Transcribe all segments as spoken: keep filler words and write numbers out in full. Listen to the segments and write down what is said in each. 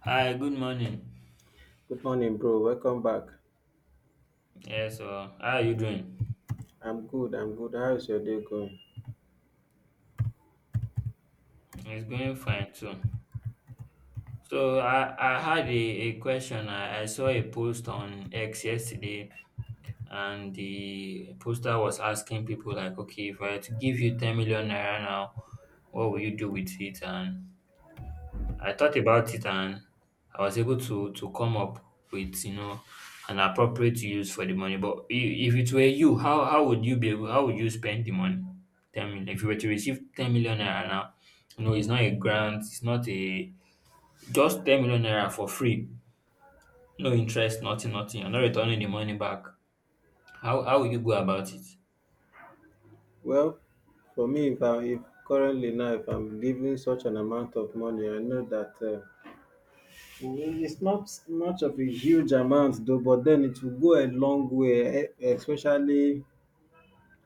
Hi, good morning. Good morning, bro. Welcome back. Yeah, so how are you doing? I'm good. I'm good. How is your day going? It's going fine too. So I, I had a, a question. I, I saw a post on X yesterday, and the poster was asking people like, okay, if I were to give you ten million naira now, what will you do with it? And I thought about it, and I was able to to come up with you know an appropriate use for the money. But i- if it were you, how how would you be able? How would you spend the money? Ten million. If you were to receive ten million naira now, no, it's not a grant. It's not a just ten million naira for free. No interest. Nothing. Nothing. You're not returning the money back. How how would you go about it? Well, for me, if I if currently now if I'm giving such an amount of money, I know that uh, it's not much of a huge amount though, but then it will go a long way, e- especially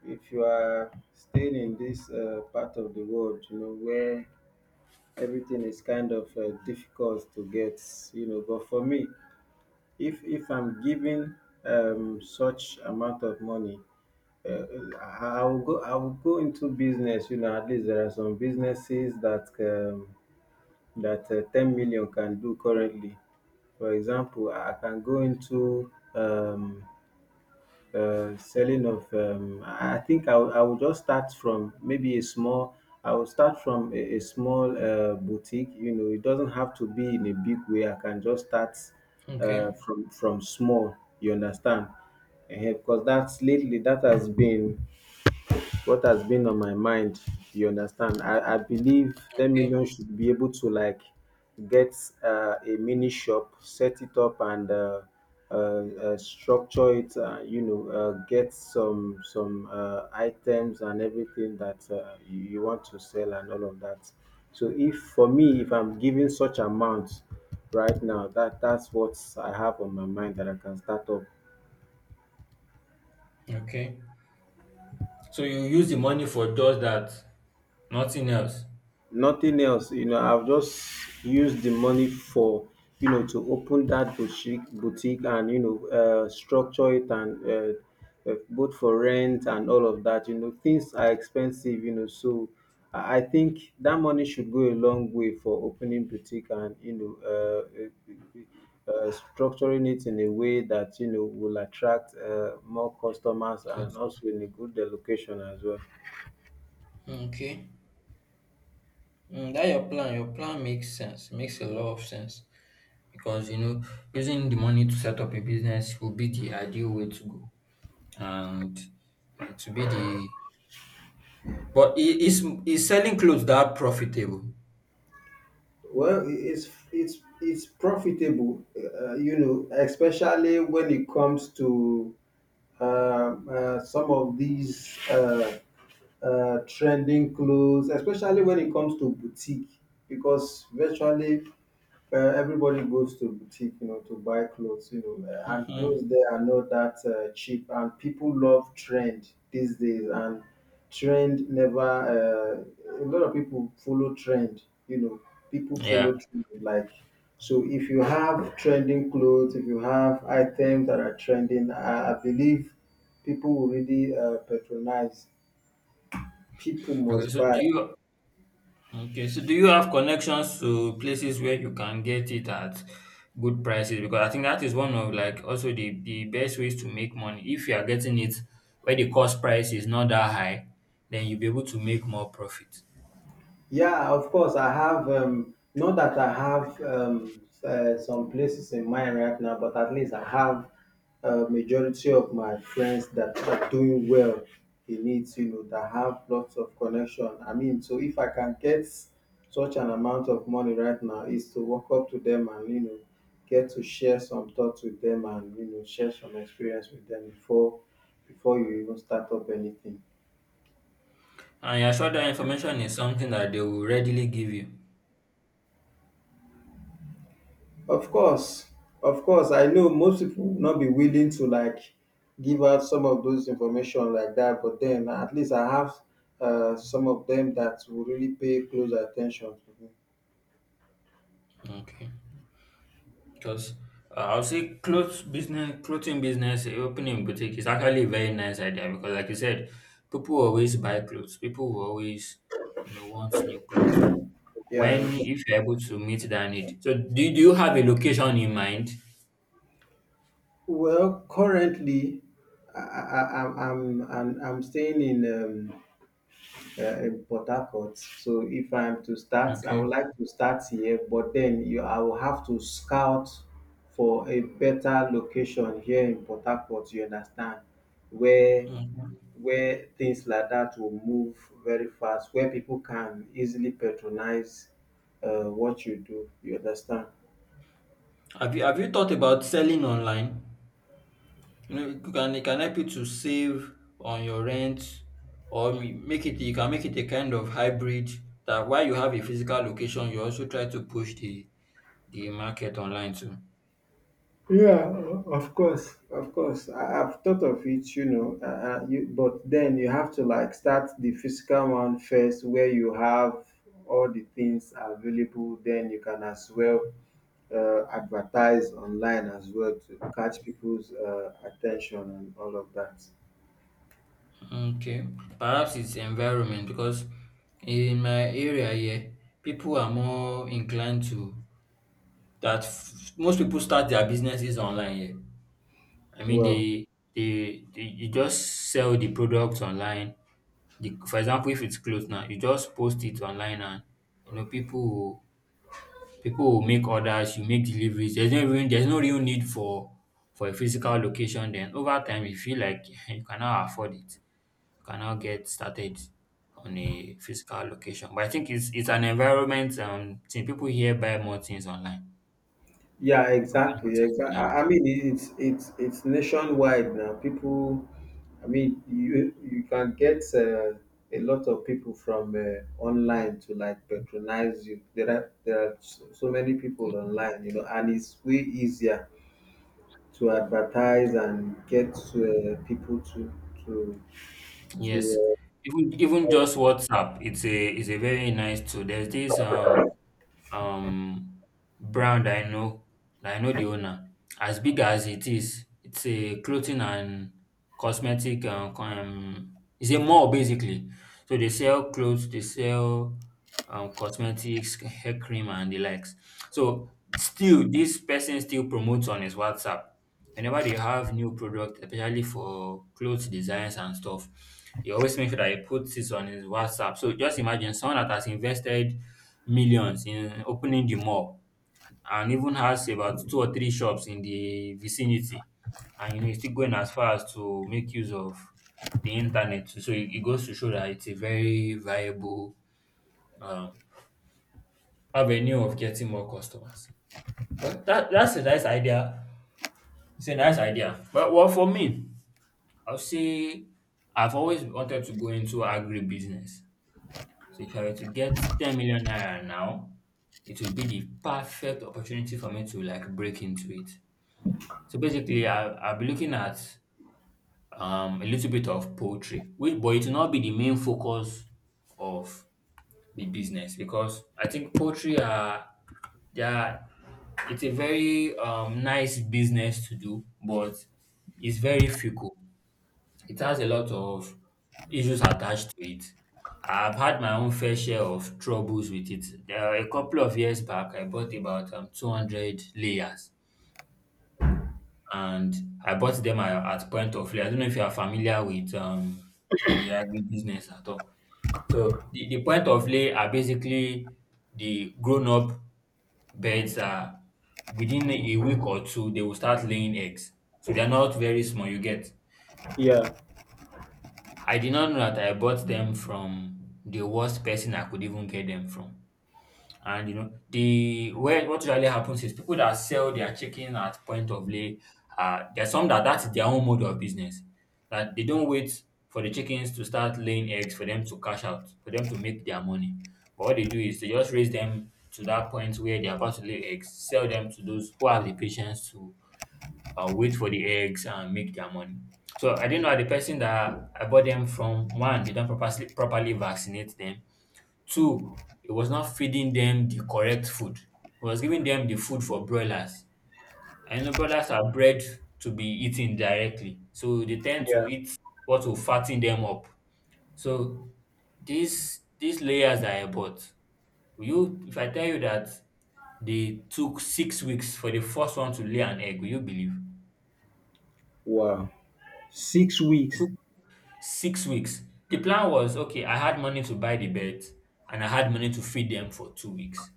if you are staying in this uh, part of the world, you know, where everything is kind of uh, difficult to get, you know. But for me, if if I'm giving um, such amount of money. Uh, I I will go. I will go into business. You know, at least there are some businesses that um, that uh, ten million can do currently. For example, I I can go into um, uh, selling of. Um, I I think I will I will just start from maybe a small. I will start from a, a small uh, boutique. You know, it doesn't have to be in a big way. I can just start uh, Okay, from from small. You understand? Because that's lately that has been what has been on my mind. You understand, i i believe ten million okay, should be able to like get uh, a mini shop, set it up, and uh, uh, uh, structure it, uh, you know, uh, get some some uh, items and everything that uh, you, you want to sell and all of that. So if for me, if I'm giving such amounts right now, that that's what I have on my mind, that I can start up. okay, so you use the money for just that, nothing else. Nothing else. You know, I've just used the money for, you know, to open that boutique boutique and, you know, uh, structure it and, uh, uh, both for rent and all of that. You know, things are expensive, you know. So i I think that money should go a long way for opening boutique, and, you know, uh, uh, uh, structuring it in a way that, you know, will attract uh, more customers and also in a good location as well. Okay. Mm, that your plan, your plan makes sense, makes a lot of sense, because you know using the money to set up a business will be the ideal way to go, and it will be the, but i- is is selling clothes that profitable? Well, it's it's it's profitable, uh, you know, especially when it comes to um, uh, some of these uh, uh, trending clothes, especially when it comes to boutique, because virtually uh, everybody goes to boutique, you know, to buy clothes, you know, uh, and Hmm. clothes there are not that uh, cheap. And people love trend these days, and trend never. Uh, a lot of people follow trend, you know. People Yeah. follow trend, like so. If you have trending clothes, if you have items that are trending, I, I believe people will really uh, patronize. People Okay. must So buy. do you, okay? So do you have connections to places where you can get it at good prices? Because I think that is one of, like, also the the best ways to make money if you are getting it where the cost price is not that high, then you'll be able to make more profit. Yeah, of course. I have, um, not that I have um, uh, some places in mind right now, but at least I have a majority of my friends that are doing well in it, you know, that have lots of connection. I mean, so if I can get such an amount of money right now, is to walk up to them and, you know, get to share some thoughts with them and, you know, share some experience with them before before you even start up anything. And you're sure that information is something that they will readily give you. Of course, of course, I know most people will not be willing to like give out some of those information like that, but then at least I have uh, some of them that will really pay close attention to me. Okay. Because uh, I'll say clothes business, clothing business, eh, opening a boutique is actually a very nice idea because, like you said, people always buy clothes. People will always, you know, want new clothes. So, Yeah. when ex- if you're able to meet that need. So, do you, do you have a location in mind? Well, currently, I, I, I- I'm I'm and I'm staying in. Um, uh, in Port Harcourt. So if I'm to start, I Okay. would like to start here, but then you, I will have to scout for a better location here in Port Harcourt. You understand where Mhm. where things like that will move very fast, where people can easily patronize uh, what you do. You understand? Have you have you thought about selling online? You know, you can, it can help you to save on your rent, or ma- make it, you can make it a kind of hybrid, that while you have a physical location, you also try to push the the market online too. Yeah, of course, of course. I, I've thought of it, you know, uh, uh, you, but then you have to like start the physical one first, where you have all the things available. Then you can as well uh, advertise online as well to catch people's uh, attention and all of that. Okay. Perhaps it's environment because in my area here, people are more inclined to that f- most people start their businesses online here. I mean, Well, they they, they you just sell the products online. The, for example, if it's clothes now, you just post it online, and you know people will, people will make orders. You make deliveries. There's no, even, there's no real need for for a physical location. Then over time, you feel like you cannot afford it. You cannot get started on a physical location. But I think it's it's an environment, Um, thing. People here buy more things online. yeah, People buy more exactly. things Exactly. online. I I mean, it's it's it's nationwide now. People, I mean, you you can get uh, a lot of people from uh, online to like patronize you. There are there are so so many people online, you know, and it's way easier to advertise and get uh, people to to Yes, to, uh, even to even just buy. WhatsApp, it's a it's a very nice tool. There's this um um, brand I know, that I know the owner. As big as it is, it's a clothing and cosmetic. Um, co- um, it's a mall basically. So they sell clothes, they sell um, cosmetics, hair cream, and the likes. So still, this person still promotes on his WhatsApp. Whenever they have new product, especially for clothes designs and stuff, he always makes sure that he puts this on his WhatsApp. So just imagine someone that has invested millions in opening the mall and even has about two or three shops in the vicinity. And you know, he's still going as far as to make use of the internet. So it, it goes to show that it's a very viable um, avenue of getting more customers. Well, that, that's a nice idea. It's a nice idea. But well, for me, I'll say I've always wanted to go into agribusiness. So if I were to get ten million naira now, it would be the perfect opportunity for me to, like, break into it. So basically, I, I'll be looking at um, a little bit of poultry, which, but it will not be the main focus of the business, because I think poultry are, they are it's a very um, nice business to do, but it's very fickle. It has a lot of issues attached to it. I've had my own fair share of troubles with it. There are a couple of years back, I bought about um, two hundred layers, and I bought them at, at point of layer. I don't know if you are familiar with um, the agribusiness at all. So, the, the point of lay are basically the grown up birds are, within a week or two, they will start laying eggs. So, they are not very small, you get. Yeah, I did not know that I bought them from the worst person I could even get them from. And you know, the where what usually happens is people that sell their chicken at point of lay, uh, there's some that that's their own mode of business. That they don't wait for the chickens to start laying eggs for them to cash out, for them to make their money. But what they do is they just raise them to that point where they're about to lay eggs, sell them to those who have the patience to, I'll wait for the eggs and make their money. So I didn't know the person that I bought them from. One, they don't properly properly vaccinate them. Two, it was not feeding them the correct food. It was giving them the food for broilers. I know broilers are bred to be eaten directly. So they tend to yeah. eat what will fatten them up. So these these layers that I bought, will you if I tell you that they took six weeks for the first one to lay an egg, will you believe? Wow. Six weeks. Six weeks. The plan was okay, I had money to buy the birds, and I had money to feed them for two weeks.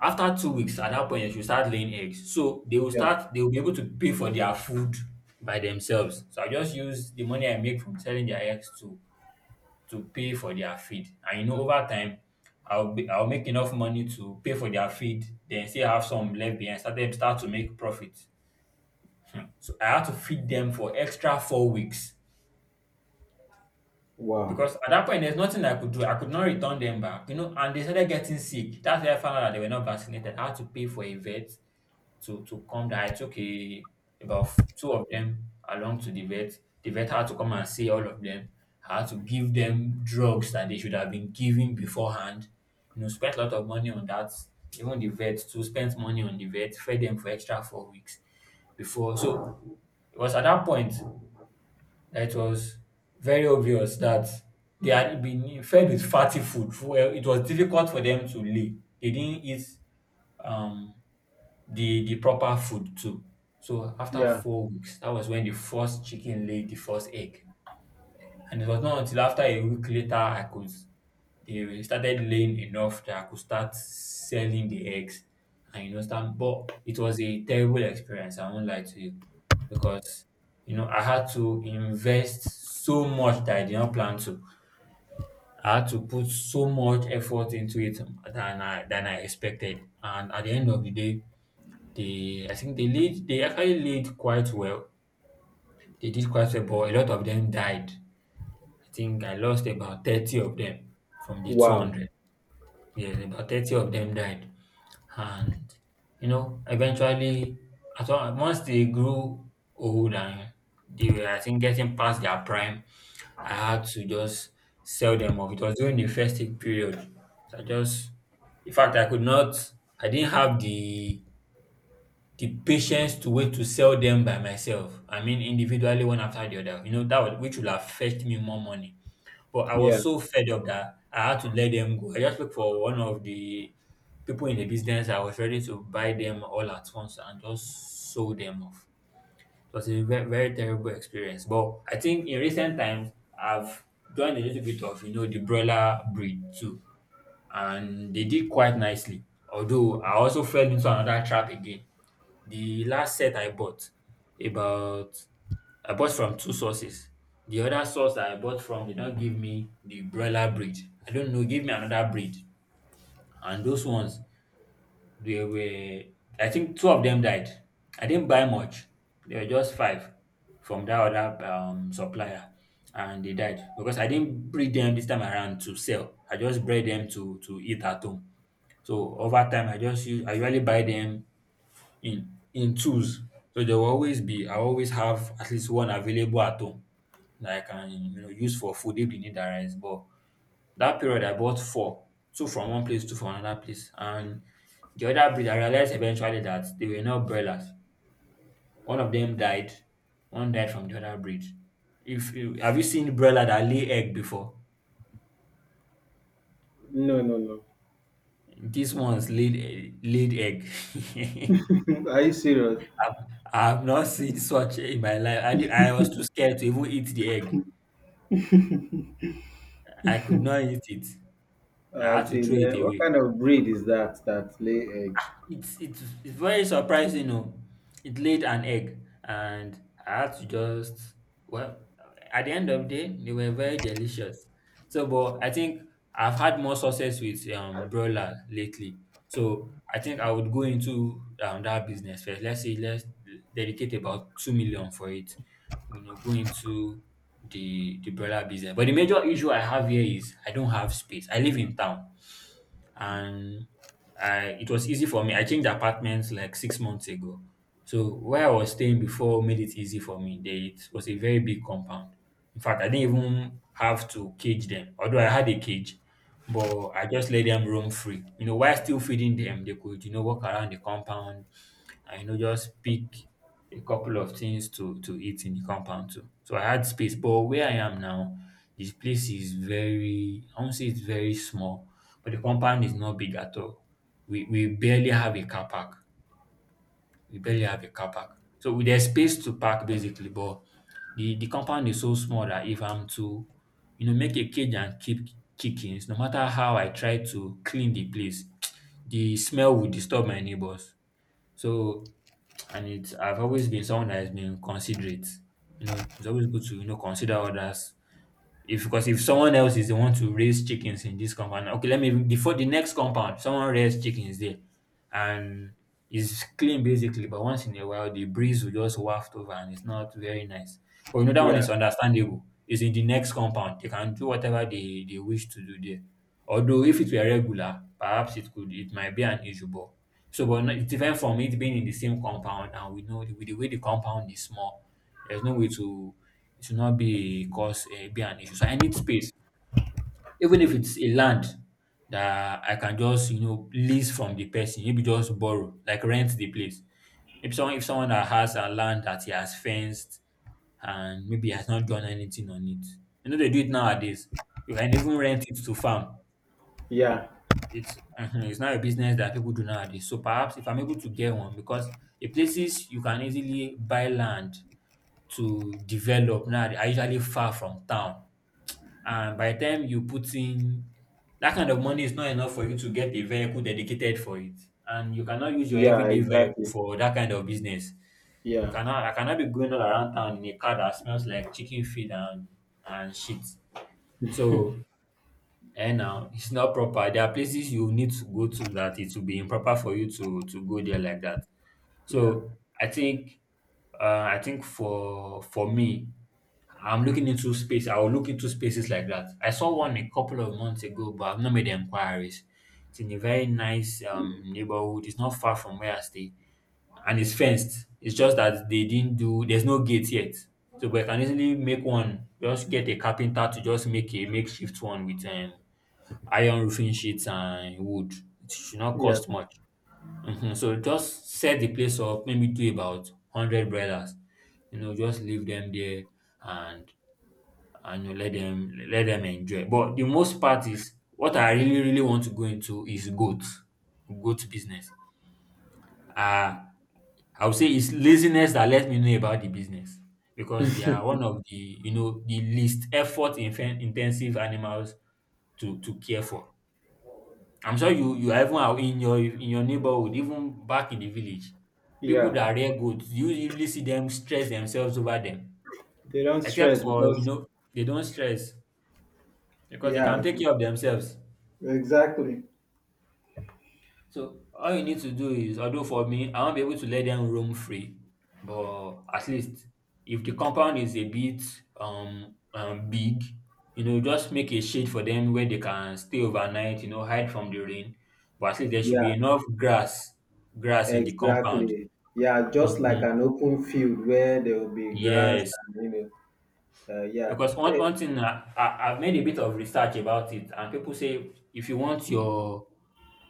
After two weeks, at that point, they should start laying eggs. So they will Yeah. start, they will be able to pay for their food by themselves. So I just use the money I make from selling their eggs to to pay for their feed. And you know, over time, I'll be, I'll make enough money to pay for their feed, then still have some left behind. Start them start to make profit. Hmm. So I had to feed them for extra four weeks. Wow. Because at that point, there's nothing I could do. I could not return them back, you know. And they started getting sick. That's where I found out that they were not vaccinated. I had to pay for a vet to to come. That I took a about f- two of them along to the vet. The vet had to come and see all of them. I had to give them drugs that they should have been given beforehand. You know, spent a lot of money on that. Even the vet too spent money on the vet. Fed them for extra four weeks before. So it was at that point it was very obvious that they had been fed with fatty food. Well, it was difficult for them to lay. They didn't eat um, the the proper food too. So after Yeah. four weeks, that was when the first chicken laid the first egg, and it was not until after a week later I could they started laying enough that I could start selling the eggs, and you know start, but it was a terrible experience, I won't lie to you. Because you know I had to invest so much that I did not plan to. I had to put so much effort into it than I than I expected. And at the end of the day, they I think they laid they actually laid quite well. They did quite well, but a lot of them died. I think I lost about thirty of them from the Wow. two hundred. Yeah, about thirty of them died. And you know, eventually, at one, once they grew old, and they were, I think, getting past their prime, I had to just sell them off. It was during the festive period, so I just, in fact, I could not, I didn't have the the patience to wait to sell them by myself. I mean, individually, one after the other. You know, that would, which would have fetched me more money. But I Yeah. was so fed up that I had to let them go. I just looked for one of the people in the business. I was ready to buy them all at once and just sold them off. It was a very, very terrible experience. But I think in recent times, I've joined a little bit of, you know, the broiler breed too. And they did quite nicely. Although I also fell into another trap again. The last set I bought about I bought from two sources. The other source that I bought from did not give me the broiler breed. I don't know, give me another breed. And those ones, they were I think two of them died. I didn't buy much. There were just five from that other um, supplier, and they died because I didn't breed them this time around to sell. I just bred them to to eat at home. So over time, I just use I usually buy them in in tools. So there will always be I always have at least one available at home that I can you know use for food if the need arise. But that period I bought four, two from one place, two from another place. And the other breed I realized eventually that they were not broilers. One of them died, one died from the other breed. If you Have you seen broiler that lay egg before? No, no, no. These ones laid e- laid egg. Are you serious? I've, I've not seen such in my life. I, di- I was too scared to even eat the egg. I could not eat it. Uh, I had As to throw in, uh, it what away. kind of breed is that that lay egg? It's it's it's very surprising oh. It laid an egg, and I had to just, well, at the end of the day they were very delicious. So but I think I've had more success with um broiler lately. So I think I would go into um, that business first. Let's say let's dedicate about two million for it. You know, go into the the broiler business. But the major issue I have here is I don't have space. I live in town, and I it was easy for me. I changed apartments like six months ago. So where I was staying before made it easy for me. They, it was a very big compound. In fact, I didn't even have to cage them, although I had a cage, but I just let them roam free. You know, while still feeding them, they could, you know, walk around the compound and you know just pick a couple of things to to eat in the compound too. So I had space. But where I am now, this place is very I won't say it's very small, but the compound is not big at all. We we barely have a car park. We barely have a car park. So we- there's space to park basically, but the the compound is so small that if I'm to, you know, make a cage and keep chickens, no matter how I try to clean the place, the smell will disturb my neighbors. So and it's I've always been someone that has been considerate. You know, it's always good to you know consider others if because if someone else is the one to raise chickens in this compound, okay, let me before the next compound, someone raised chickens there, and it's clean basically. But once in a while, the breeze will just waft over, and it's not very nice. But you know that one Yeah, is understandable. It's in the next compound. They can do whatever they, they wish to do there. Although if it were regular, perhaps it could it might be an issue, but so, but no- it's different from it being in the same compound, and we know the, with the way the compound is small, there's no way to it should not be cause uh, be an issue. So I need space, even if it's a land that I can just, you know, lease from the person, maybe just borrow, like rent the place. If someone if someone that has a land that he has fenced and maybe has not done anything on it, you know they do it nowadays. You can even rent it to farm. yeah, It's it's not a business that people do nowadays. So perhaps if I'm able to get one, because the places you can easily buy land to develop now are usually far from town. And by the time you put in, that kind of money is not enough for you to get a vehicle dedicated for it. And you cannot use your yeah, everyday vehicle exactly. for that kind of business. You Yeah, cannot I cannot be going all around town in a car that smells like chicken feed and and shit. So and now, it's not proper. There are places you need to go to that it will be improper for you to to go there like that. yeah, So I think uh, I think for for me, I'm looking into space. I will look into spaces like that. I saw one a couple of months ago, but I've not made inquiries. It's in a very nice um, neighborhood. It's not far from where I stay, and it's fenced. It's just that they didn't do. There's no gate yet, so but I can easily make one. Just get a carpenter to just make a makeshift one with um, iron roofing sheets and wood. It should not yeah, cost much. Mhm. So just set the place up, maybe do about one hundred brothers. You know, just leave them there and and you let them let them enjoy. But the most part is what I really, really want to go into is goat, goat business. Uh, I would say it's laziness that let me know about the business because they are one of the you know the least effort infen- intensive animals to to care for. I'm sure you you are even aw in your in your neighborhood, even back in the village, people yeah. that rear goat, do you usually see them stress themselves over them? They don't Except stress for, you because, know, they don't stress because they can yeah, take care of themselves. exactly. So all you need to do is, although for me, I won't be able to let them roam free, but at least if the compound is a bit um, um big, you know, just make a shade for them where they can stay overnight, you know, hide from the rain. But at least there should Yeah, be enough grass, grass in the compound. exactly. Yeah, just Mhm. like an open field where there will be grass Yes. and, you know, uh, yeah. Because one Eh, one thing I, I I've made a bit of research about it, and people say if you want your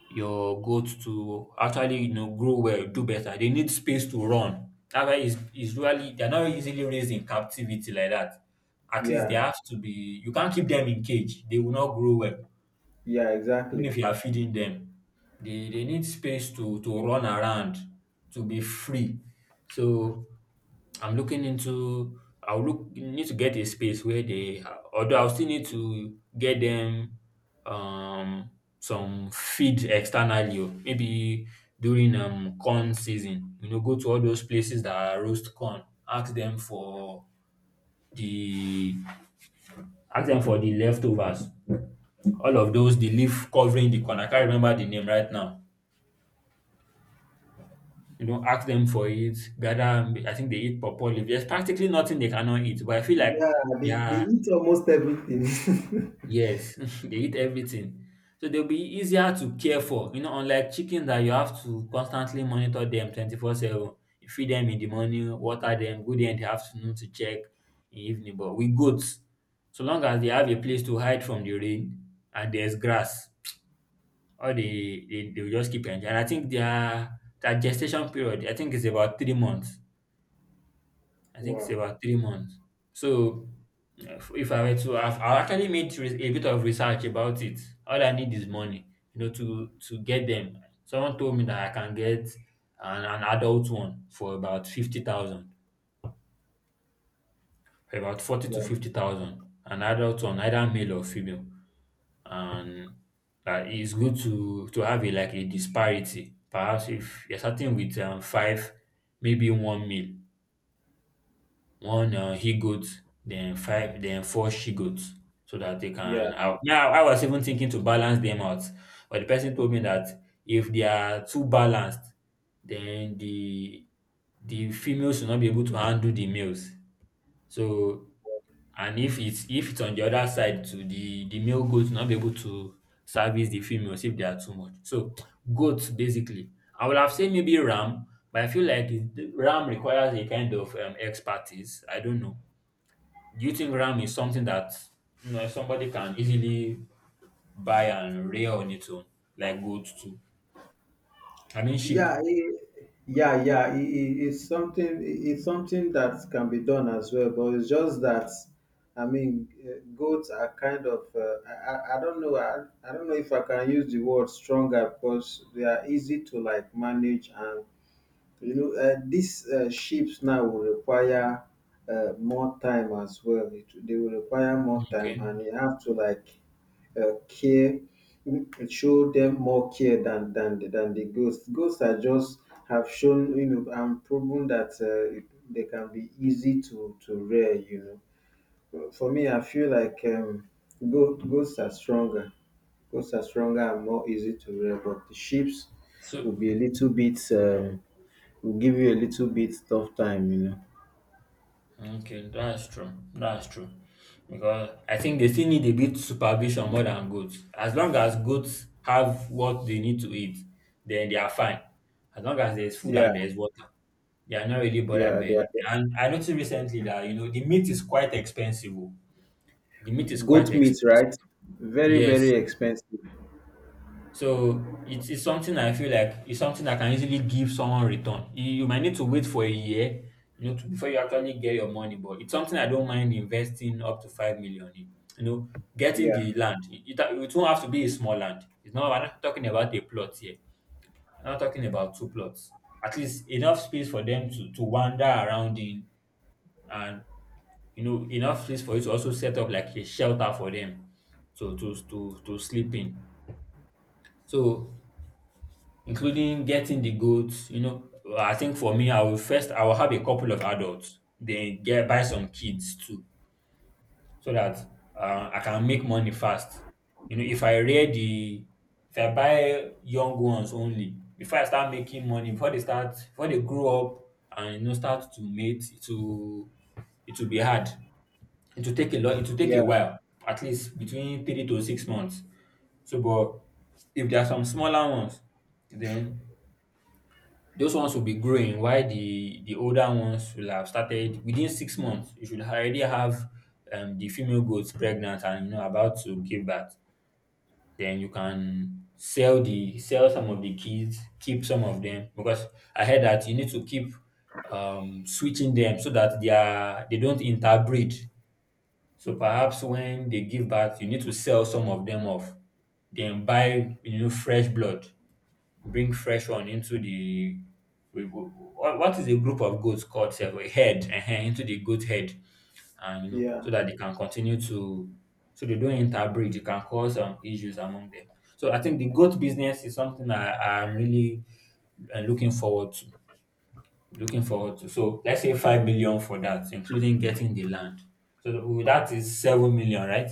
your goat to actually, you know, grow well, do better, they need space to run. That why is is really they're not easily raised in captivity like that. At least they yeah, have to be. You can't keep them in cage; they will not grow well. yeah, Even exactly. if you are feeding them, they they need space to to run around, to be free. So I'm looking into I'll look need to get a space where they although I'll still need to get them um some feed externally oh, maybe during um corn season, you know, go to all those places that roast corn, ask them for the ask them for the leftovers, all of those, the leaf covering the corn, I can't remember the name right now, you know, ask them for it, gather. I think they eat pawpaw leaf. There's practically nothing they cannot eat, but I feel like Yeah, they, they their eat almost everything. yes, they eat everything. So they'll be easier to care for, you know, unlike chicken that you have to constantly monitor them twenty-four seven. You feed them in the morning, water them, go there in the afternoon to check in the evening. But with goats, so long as they have a place to hide from the rain and there's grass, or they, they they'll just keep enjoying. And I think their their gestation period, I think is about three months. I think it's Wow. about three months. So uh, if if I were to, I've, I actually made re- a bit of research about it. All I need is money, you know, to to get them. Someone told me that I can get an, an adult one for about fifty thousand, for about forty to Wow. fifty thousand. An adult one, either male or female, and uh, it's good to to have a like a disparity. Perhaps if you're starting with um, five, maybe one male, one uh, he goat, then five, then four she goats, so that they Yeah. can. I, now I was even thinking to balance them out, but the person told me that if they are too balanced, then the the females will not be able to handle the males. So and if it's if it's on the other side, to the the male goats will not be able to service the females if they are too much. So goats basically. I would have said maybe ram, but I feel like it- ram requires a kind of um, expertise. I don't know. Do you think RAM is something that, you know, somebody can easily buy and rear on its own, like gold too? I mean sheep. yeah it, yeah yeah it, it- it's something it- it's something that can be done as well, but it's just that I mean uh, goats are kind of uh, I, I I don't know, I, I don't know if I can use the word stronger because they are easy to like manage, and, you know, uh, these uh, ships now will require uh, more time as well. It, they will require more time, Okay. and you have to like uh, care, show them more care than than than the ghosts. Ghosts are just have shown, you know, and proven that uh, it- they can be easy to to rear. You know, for me, I feel like um, go- ghosts are stronger. Ghosts are stronger and more easy to rear, but the ships will So be a little bit, Um, will give you a little bit tough time, you know. okay, that's true. That's true. Because I think they still need a bit supervision more than goats. As long as goats have what they need to eat, then they are fine. As long as there's food Yeah. and there's water. They are not really bothered Yeah, by they anything. are. And I noticed recently that you know the meat is quite expensive. Oh. The meat is quite Goat meat, expensive. right? Very, Yes. very expensive. So it's, it's something I feel like it's something that can easily give someone return. You, you might need to wait for a year, you know, to, before you actually get your money. But it's something I don't mind investing up to five million in. You know, getting Yeah. the land. It, it, it won't have to be a small land. It's not. I'm not talking about a plot here. I'm not talking about two plots. At least enough space for them to to wander around in, and you know, enough space for you to also set up like a shelter for them, so to to to sleep in. So including getting the goats. You know, I think for me, I will first I will have a couple of adults, then get buy some kids too, so that uh, I can make money fast. You know, if I rear the if I buy young ones only, before I start making money, before they start, before they grow up and you know start to mate, it will it will be hard. It will take a lot. It will take a Yeah, while, at least between three to six months. So, but if there are some smaller ones, then those ones will be growing while the the older ones will have started within six months. You should already have um, the female goats pregnant and you know about to give birth. Then you can sell the sell some of the kids, keep some of them because I heard that you need to keep um, switching them so that they are they don't interbreed. So perhaps when they give birth, you need to sell some of them off, then buy you know fresh blood, bring fresh one into the we- we- what what is a group of goats called sef? A herd ehen, into the goat head, and you know yeah, so that they can continue to, so they don't interbreed. It can cause um, issues among them. So I think the goat business is something i i'm really uh, looking forward to, looking forward to so let's say five million for that including getting the land, so that that is seven million, right?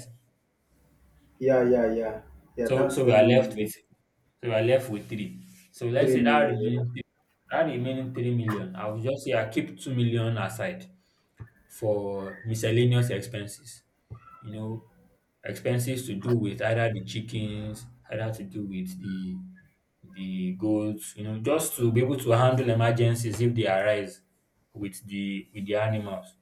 yeah, yeah, yeah. Yeah, So that's so we are seven left million, with, so you are left with three. So let's three say that million. remaining three, that remaining three million, I will just say I keep two million aside for miscellaneous expenses. You know, expenses to do with either the chickens, either to do with the the goats, you know, just to be able to handle emergencies if they arise with the with the animals.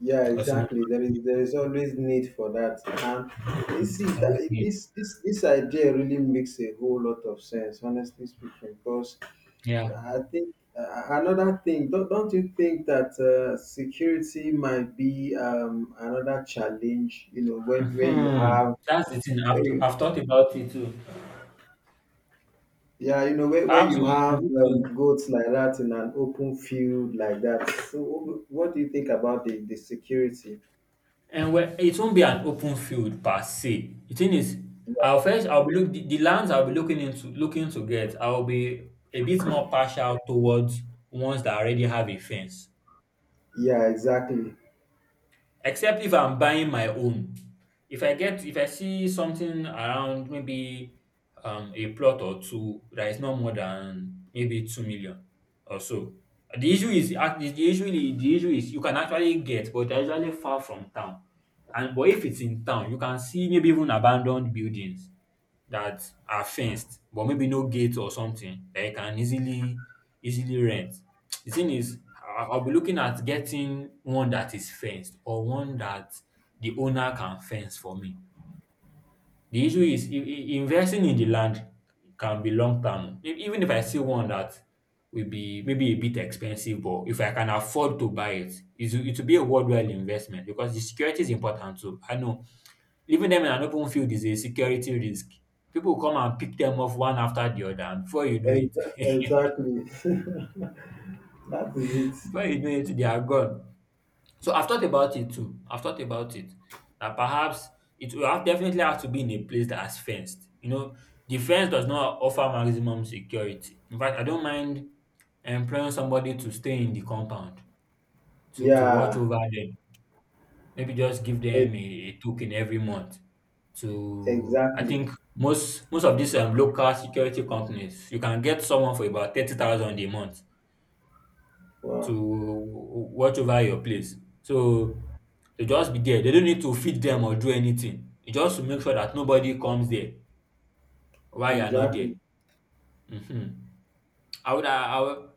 Yeah, Because you know, exactly. There is there is always need for that, and you see it's always that need. this this this idea really makes a whole lot of sense, honestly speaking. Because Yeah. I think uh, another thing, don't, don't you think that uh, security might be um, another challenge? You know, when where you Hmm. have That's the thing. where I've, you, I've thought about it too. yeah, you know, where, where Perhaps you we we have need um, to goats like that in an open field like that. So, what do you think about the the security? And well, it won't be an open field per se. The thing is, I'll Yeah, first I'll be look the, the lands I'll be looking into looking to get, I'll be a bit more partial towards ones that already have a fence. yeah, exactly. Except if I'm buying my own. If I get if I see something around maybe um a plot or two that is not more than maybe two million or so. The issue is ac- the the issue is- the issue is you can actually get, but they're usually far from town. And but if it's in town, you can see maybe even abandoned buildings that are fenced but maybe no gate or something that you can easily, easily rent. The thing is, I- I'll be looking at getting one that is fenced or one that the owner can fence for me. The issue is i- i- investing in the land can be long term. E- Even if I see one that will be maybe a bit expensive, but if I can afford to buy it, it will, it will be a worthwhile investment because the security is important too. I know leaving them in an open field is a security risk. People come and pick them off one after the other, and before you know it, Ex- Exactly. That is it. before you know it, they are gone. So I've thought about it too. I've thought about it that perhaps it will have, definitely have to be in a place that has fenced. You know, the fence does not offer maximum security. In fact, I don't mind employing somebody to stay in the compound to to watch Yeah, over them, maybe just give e- them a, a token every month to, I exactly. think most most of these um, local security companies you can get someone for about thirty thousand a month Wow. to watch over your place. So they just be there, they don't need to feed them or do anything. It's just make sure that nobody comes there while you're not there. Exactly. Hmm. I would I would,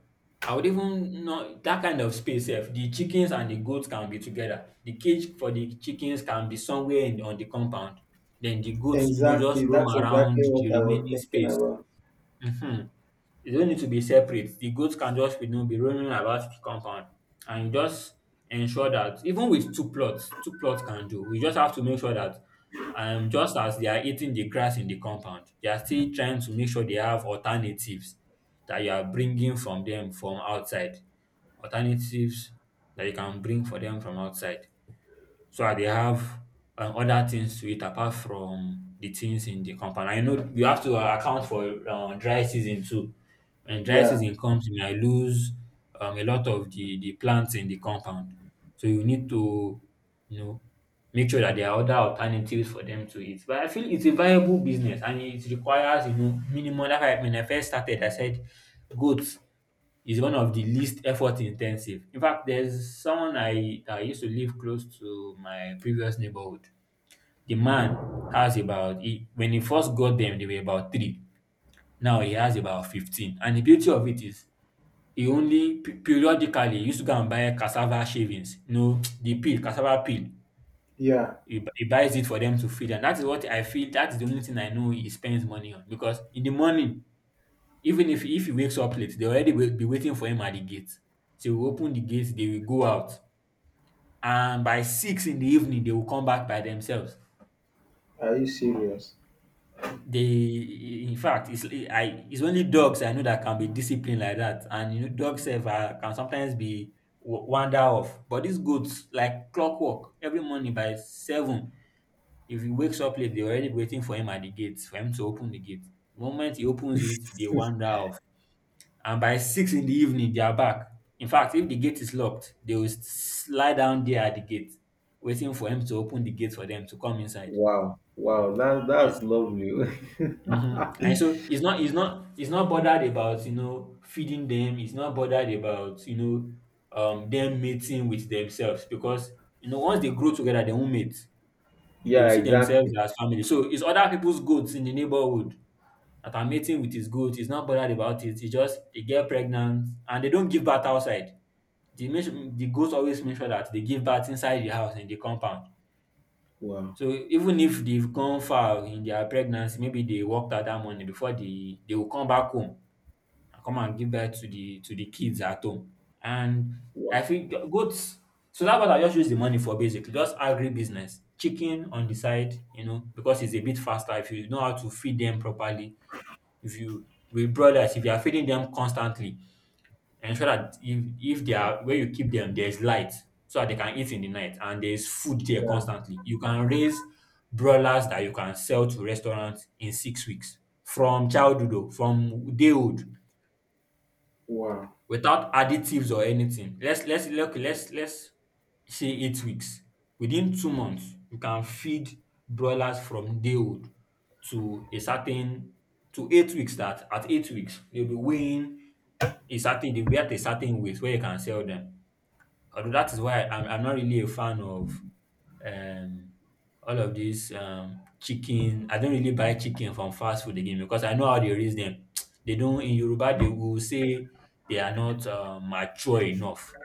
I would even know that kind of space if the chickens and the goats can be together. The cage for the chickens can be somewhere in, on the compound. Then the goats, you know, just Exactly. roam That's around exactly the what I was remaining thinking space. about. Mhm. They don't need to be separate. The goats can just you know be roaming about the compound, and just ensure that even with two plots, two plots can do. We just have to make sure that, um just as they are eating the grass in the compound, they are still trying to make sure they have alternatives that you are bringing from them from outside. Alternatives that you can bring for them from outside. So I dey have um other things to eat apart from the things in the compound. I know you have to uh, account for um dry season too. When dry Yeah. season comes, you might lose um a lot of the the plants in the compound. So you need to you know make sure that there are other alternatives for them to eat. But I feel it's a viable business and it requires you know minimum. That's why when I first started, I said goats is one of the least effort intensive. In fact, there's someone I, I used to live close to my previous neighborhood. The man has about, he, when he first got them, they were about three. Now he has about fifteen. And the beauty of it is, he only pe- periodically used to go and buy cassava shavings, you know, the peel, cassava peel. Yeah. He, bu- he buys it for them to feed. And that is what I feel, that is the only thing I know he spends money on. Because in the morning, even if if he wakes up late, they already will be waiting for him at the gate. So we open the gate, they will go out. And by six in the evening, they will come back by themselves. Are you serious? They, in fact, it's I. It's only dogs I know that can be disciplined like that, and you know, dogs have, uh, can sometimes be wa- wander off. But these goats, like clockwork, every morning by seven, if he wakes up late, they're already waiting for him at the gate for him to open the gate. The moment he opens it, they wander off. And by six in the evening they are back. In fact, if the gate is locked, they will s- lie down there at the gate, waiting for him to open the gate for them to come inside. Wow. Wow. That Yes. that's lovely. Mm-hmm. And so he's not he's not he's not bothered about you know feeding them. He's not bothered about you know um them mating with themselves because you know once they grow together they won't mate. They Yeah, will see themselves exactly. as family. So it's other people's goats in the neighborhood that are mating with his goat. He's not bothered about it. He just, they get pregnant and they don't give birth outside. The make sure, the goat always make sure that they give birth inside the house in the compound. Wow. So even if they've gone far in their pregnancy, maybe they worked out that morning, before they they will come back home and come and give birth to the to the kids at home. And I Wow. think go- goats. So that's what I just use the money for basically, just agri business, chicken on the side, you know, because it's a bit faster if you know how to feed them properly. If you with brothers, if you are feeding them constantly, ensure that if if they are where you keep them there's light, so that they can eat in the night, and there's food there Yeah. constantly, you can raise broilers that you can sell to restaurants in six weeks from childhood, o, from day old Wow. without additives or anything. Let's let's look let's let's say eight weeks, within two months you can feed broilers from day old to a certain, to eight weeks, that at eight weeks they'll be weighing a certain, they weigh at a certain weight where you can sell them. Although that is why I'm, I'm not really a fan of um, all of these um, chicken. I don't really buy chicken from fast food again because I know how they raise them. They don't, in Yoruba they will say they are not uh, mature enough.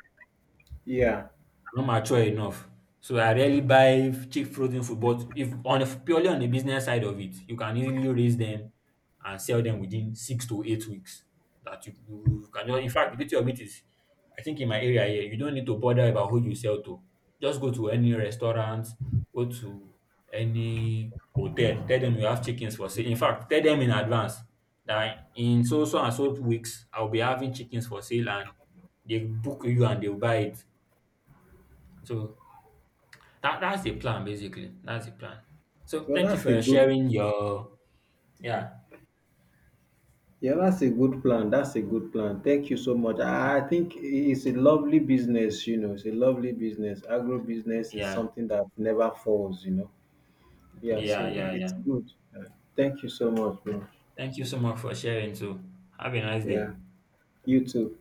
Yeah. Not mature enough. So I rarely buy cheap frozen food, but if on a, purely on the business side of it, you can easily raise them and sell them within six to eight weeks. That you, you can, in fact the beauty of it is I think in my area here, you don't need to bother about who you sell to. Just go to any restaurant, go to any hotel, tell them you have chickens for sale. In fact, tell them in advance that in so so and so weeks I'll be having chickens for sale and they book you and they'll buy it. So that that's the plan basically. That's the plan. So Well, thank you that's a for good. sharing your, yeah, Yeah, that's a good plan. That's a good plan. Thank you so much. I I think it's a lovely business, you know. It's a lovely business. Agro business is yeah, something that never falls, you know. Yeah, yeah, so i- yeah, it's yeah. good. Uh, Thank you so much, bro. Thank you so much for sharing too. Have a nice day. Yeah, you too.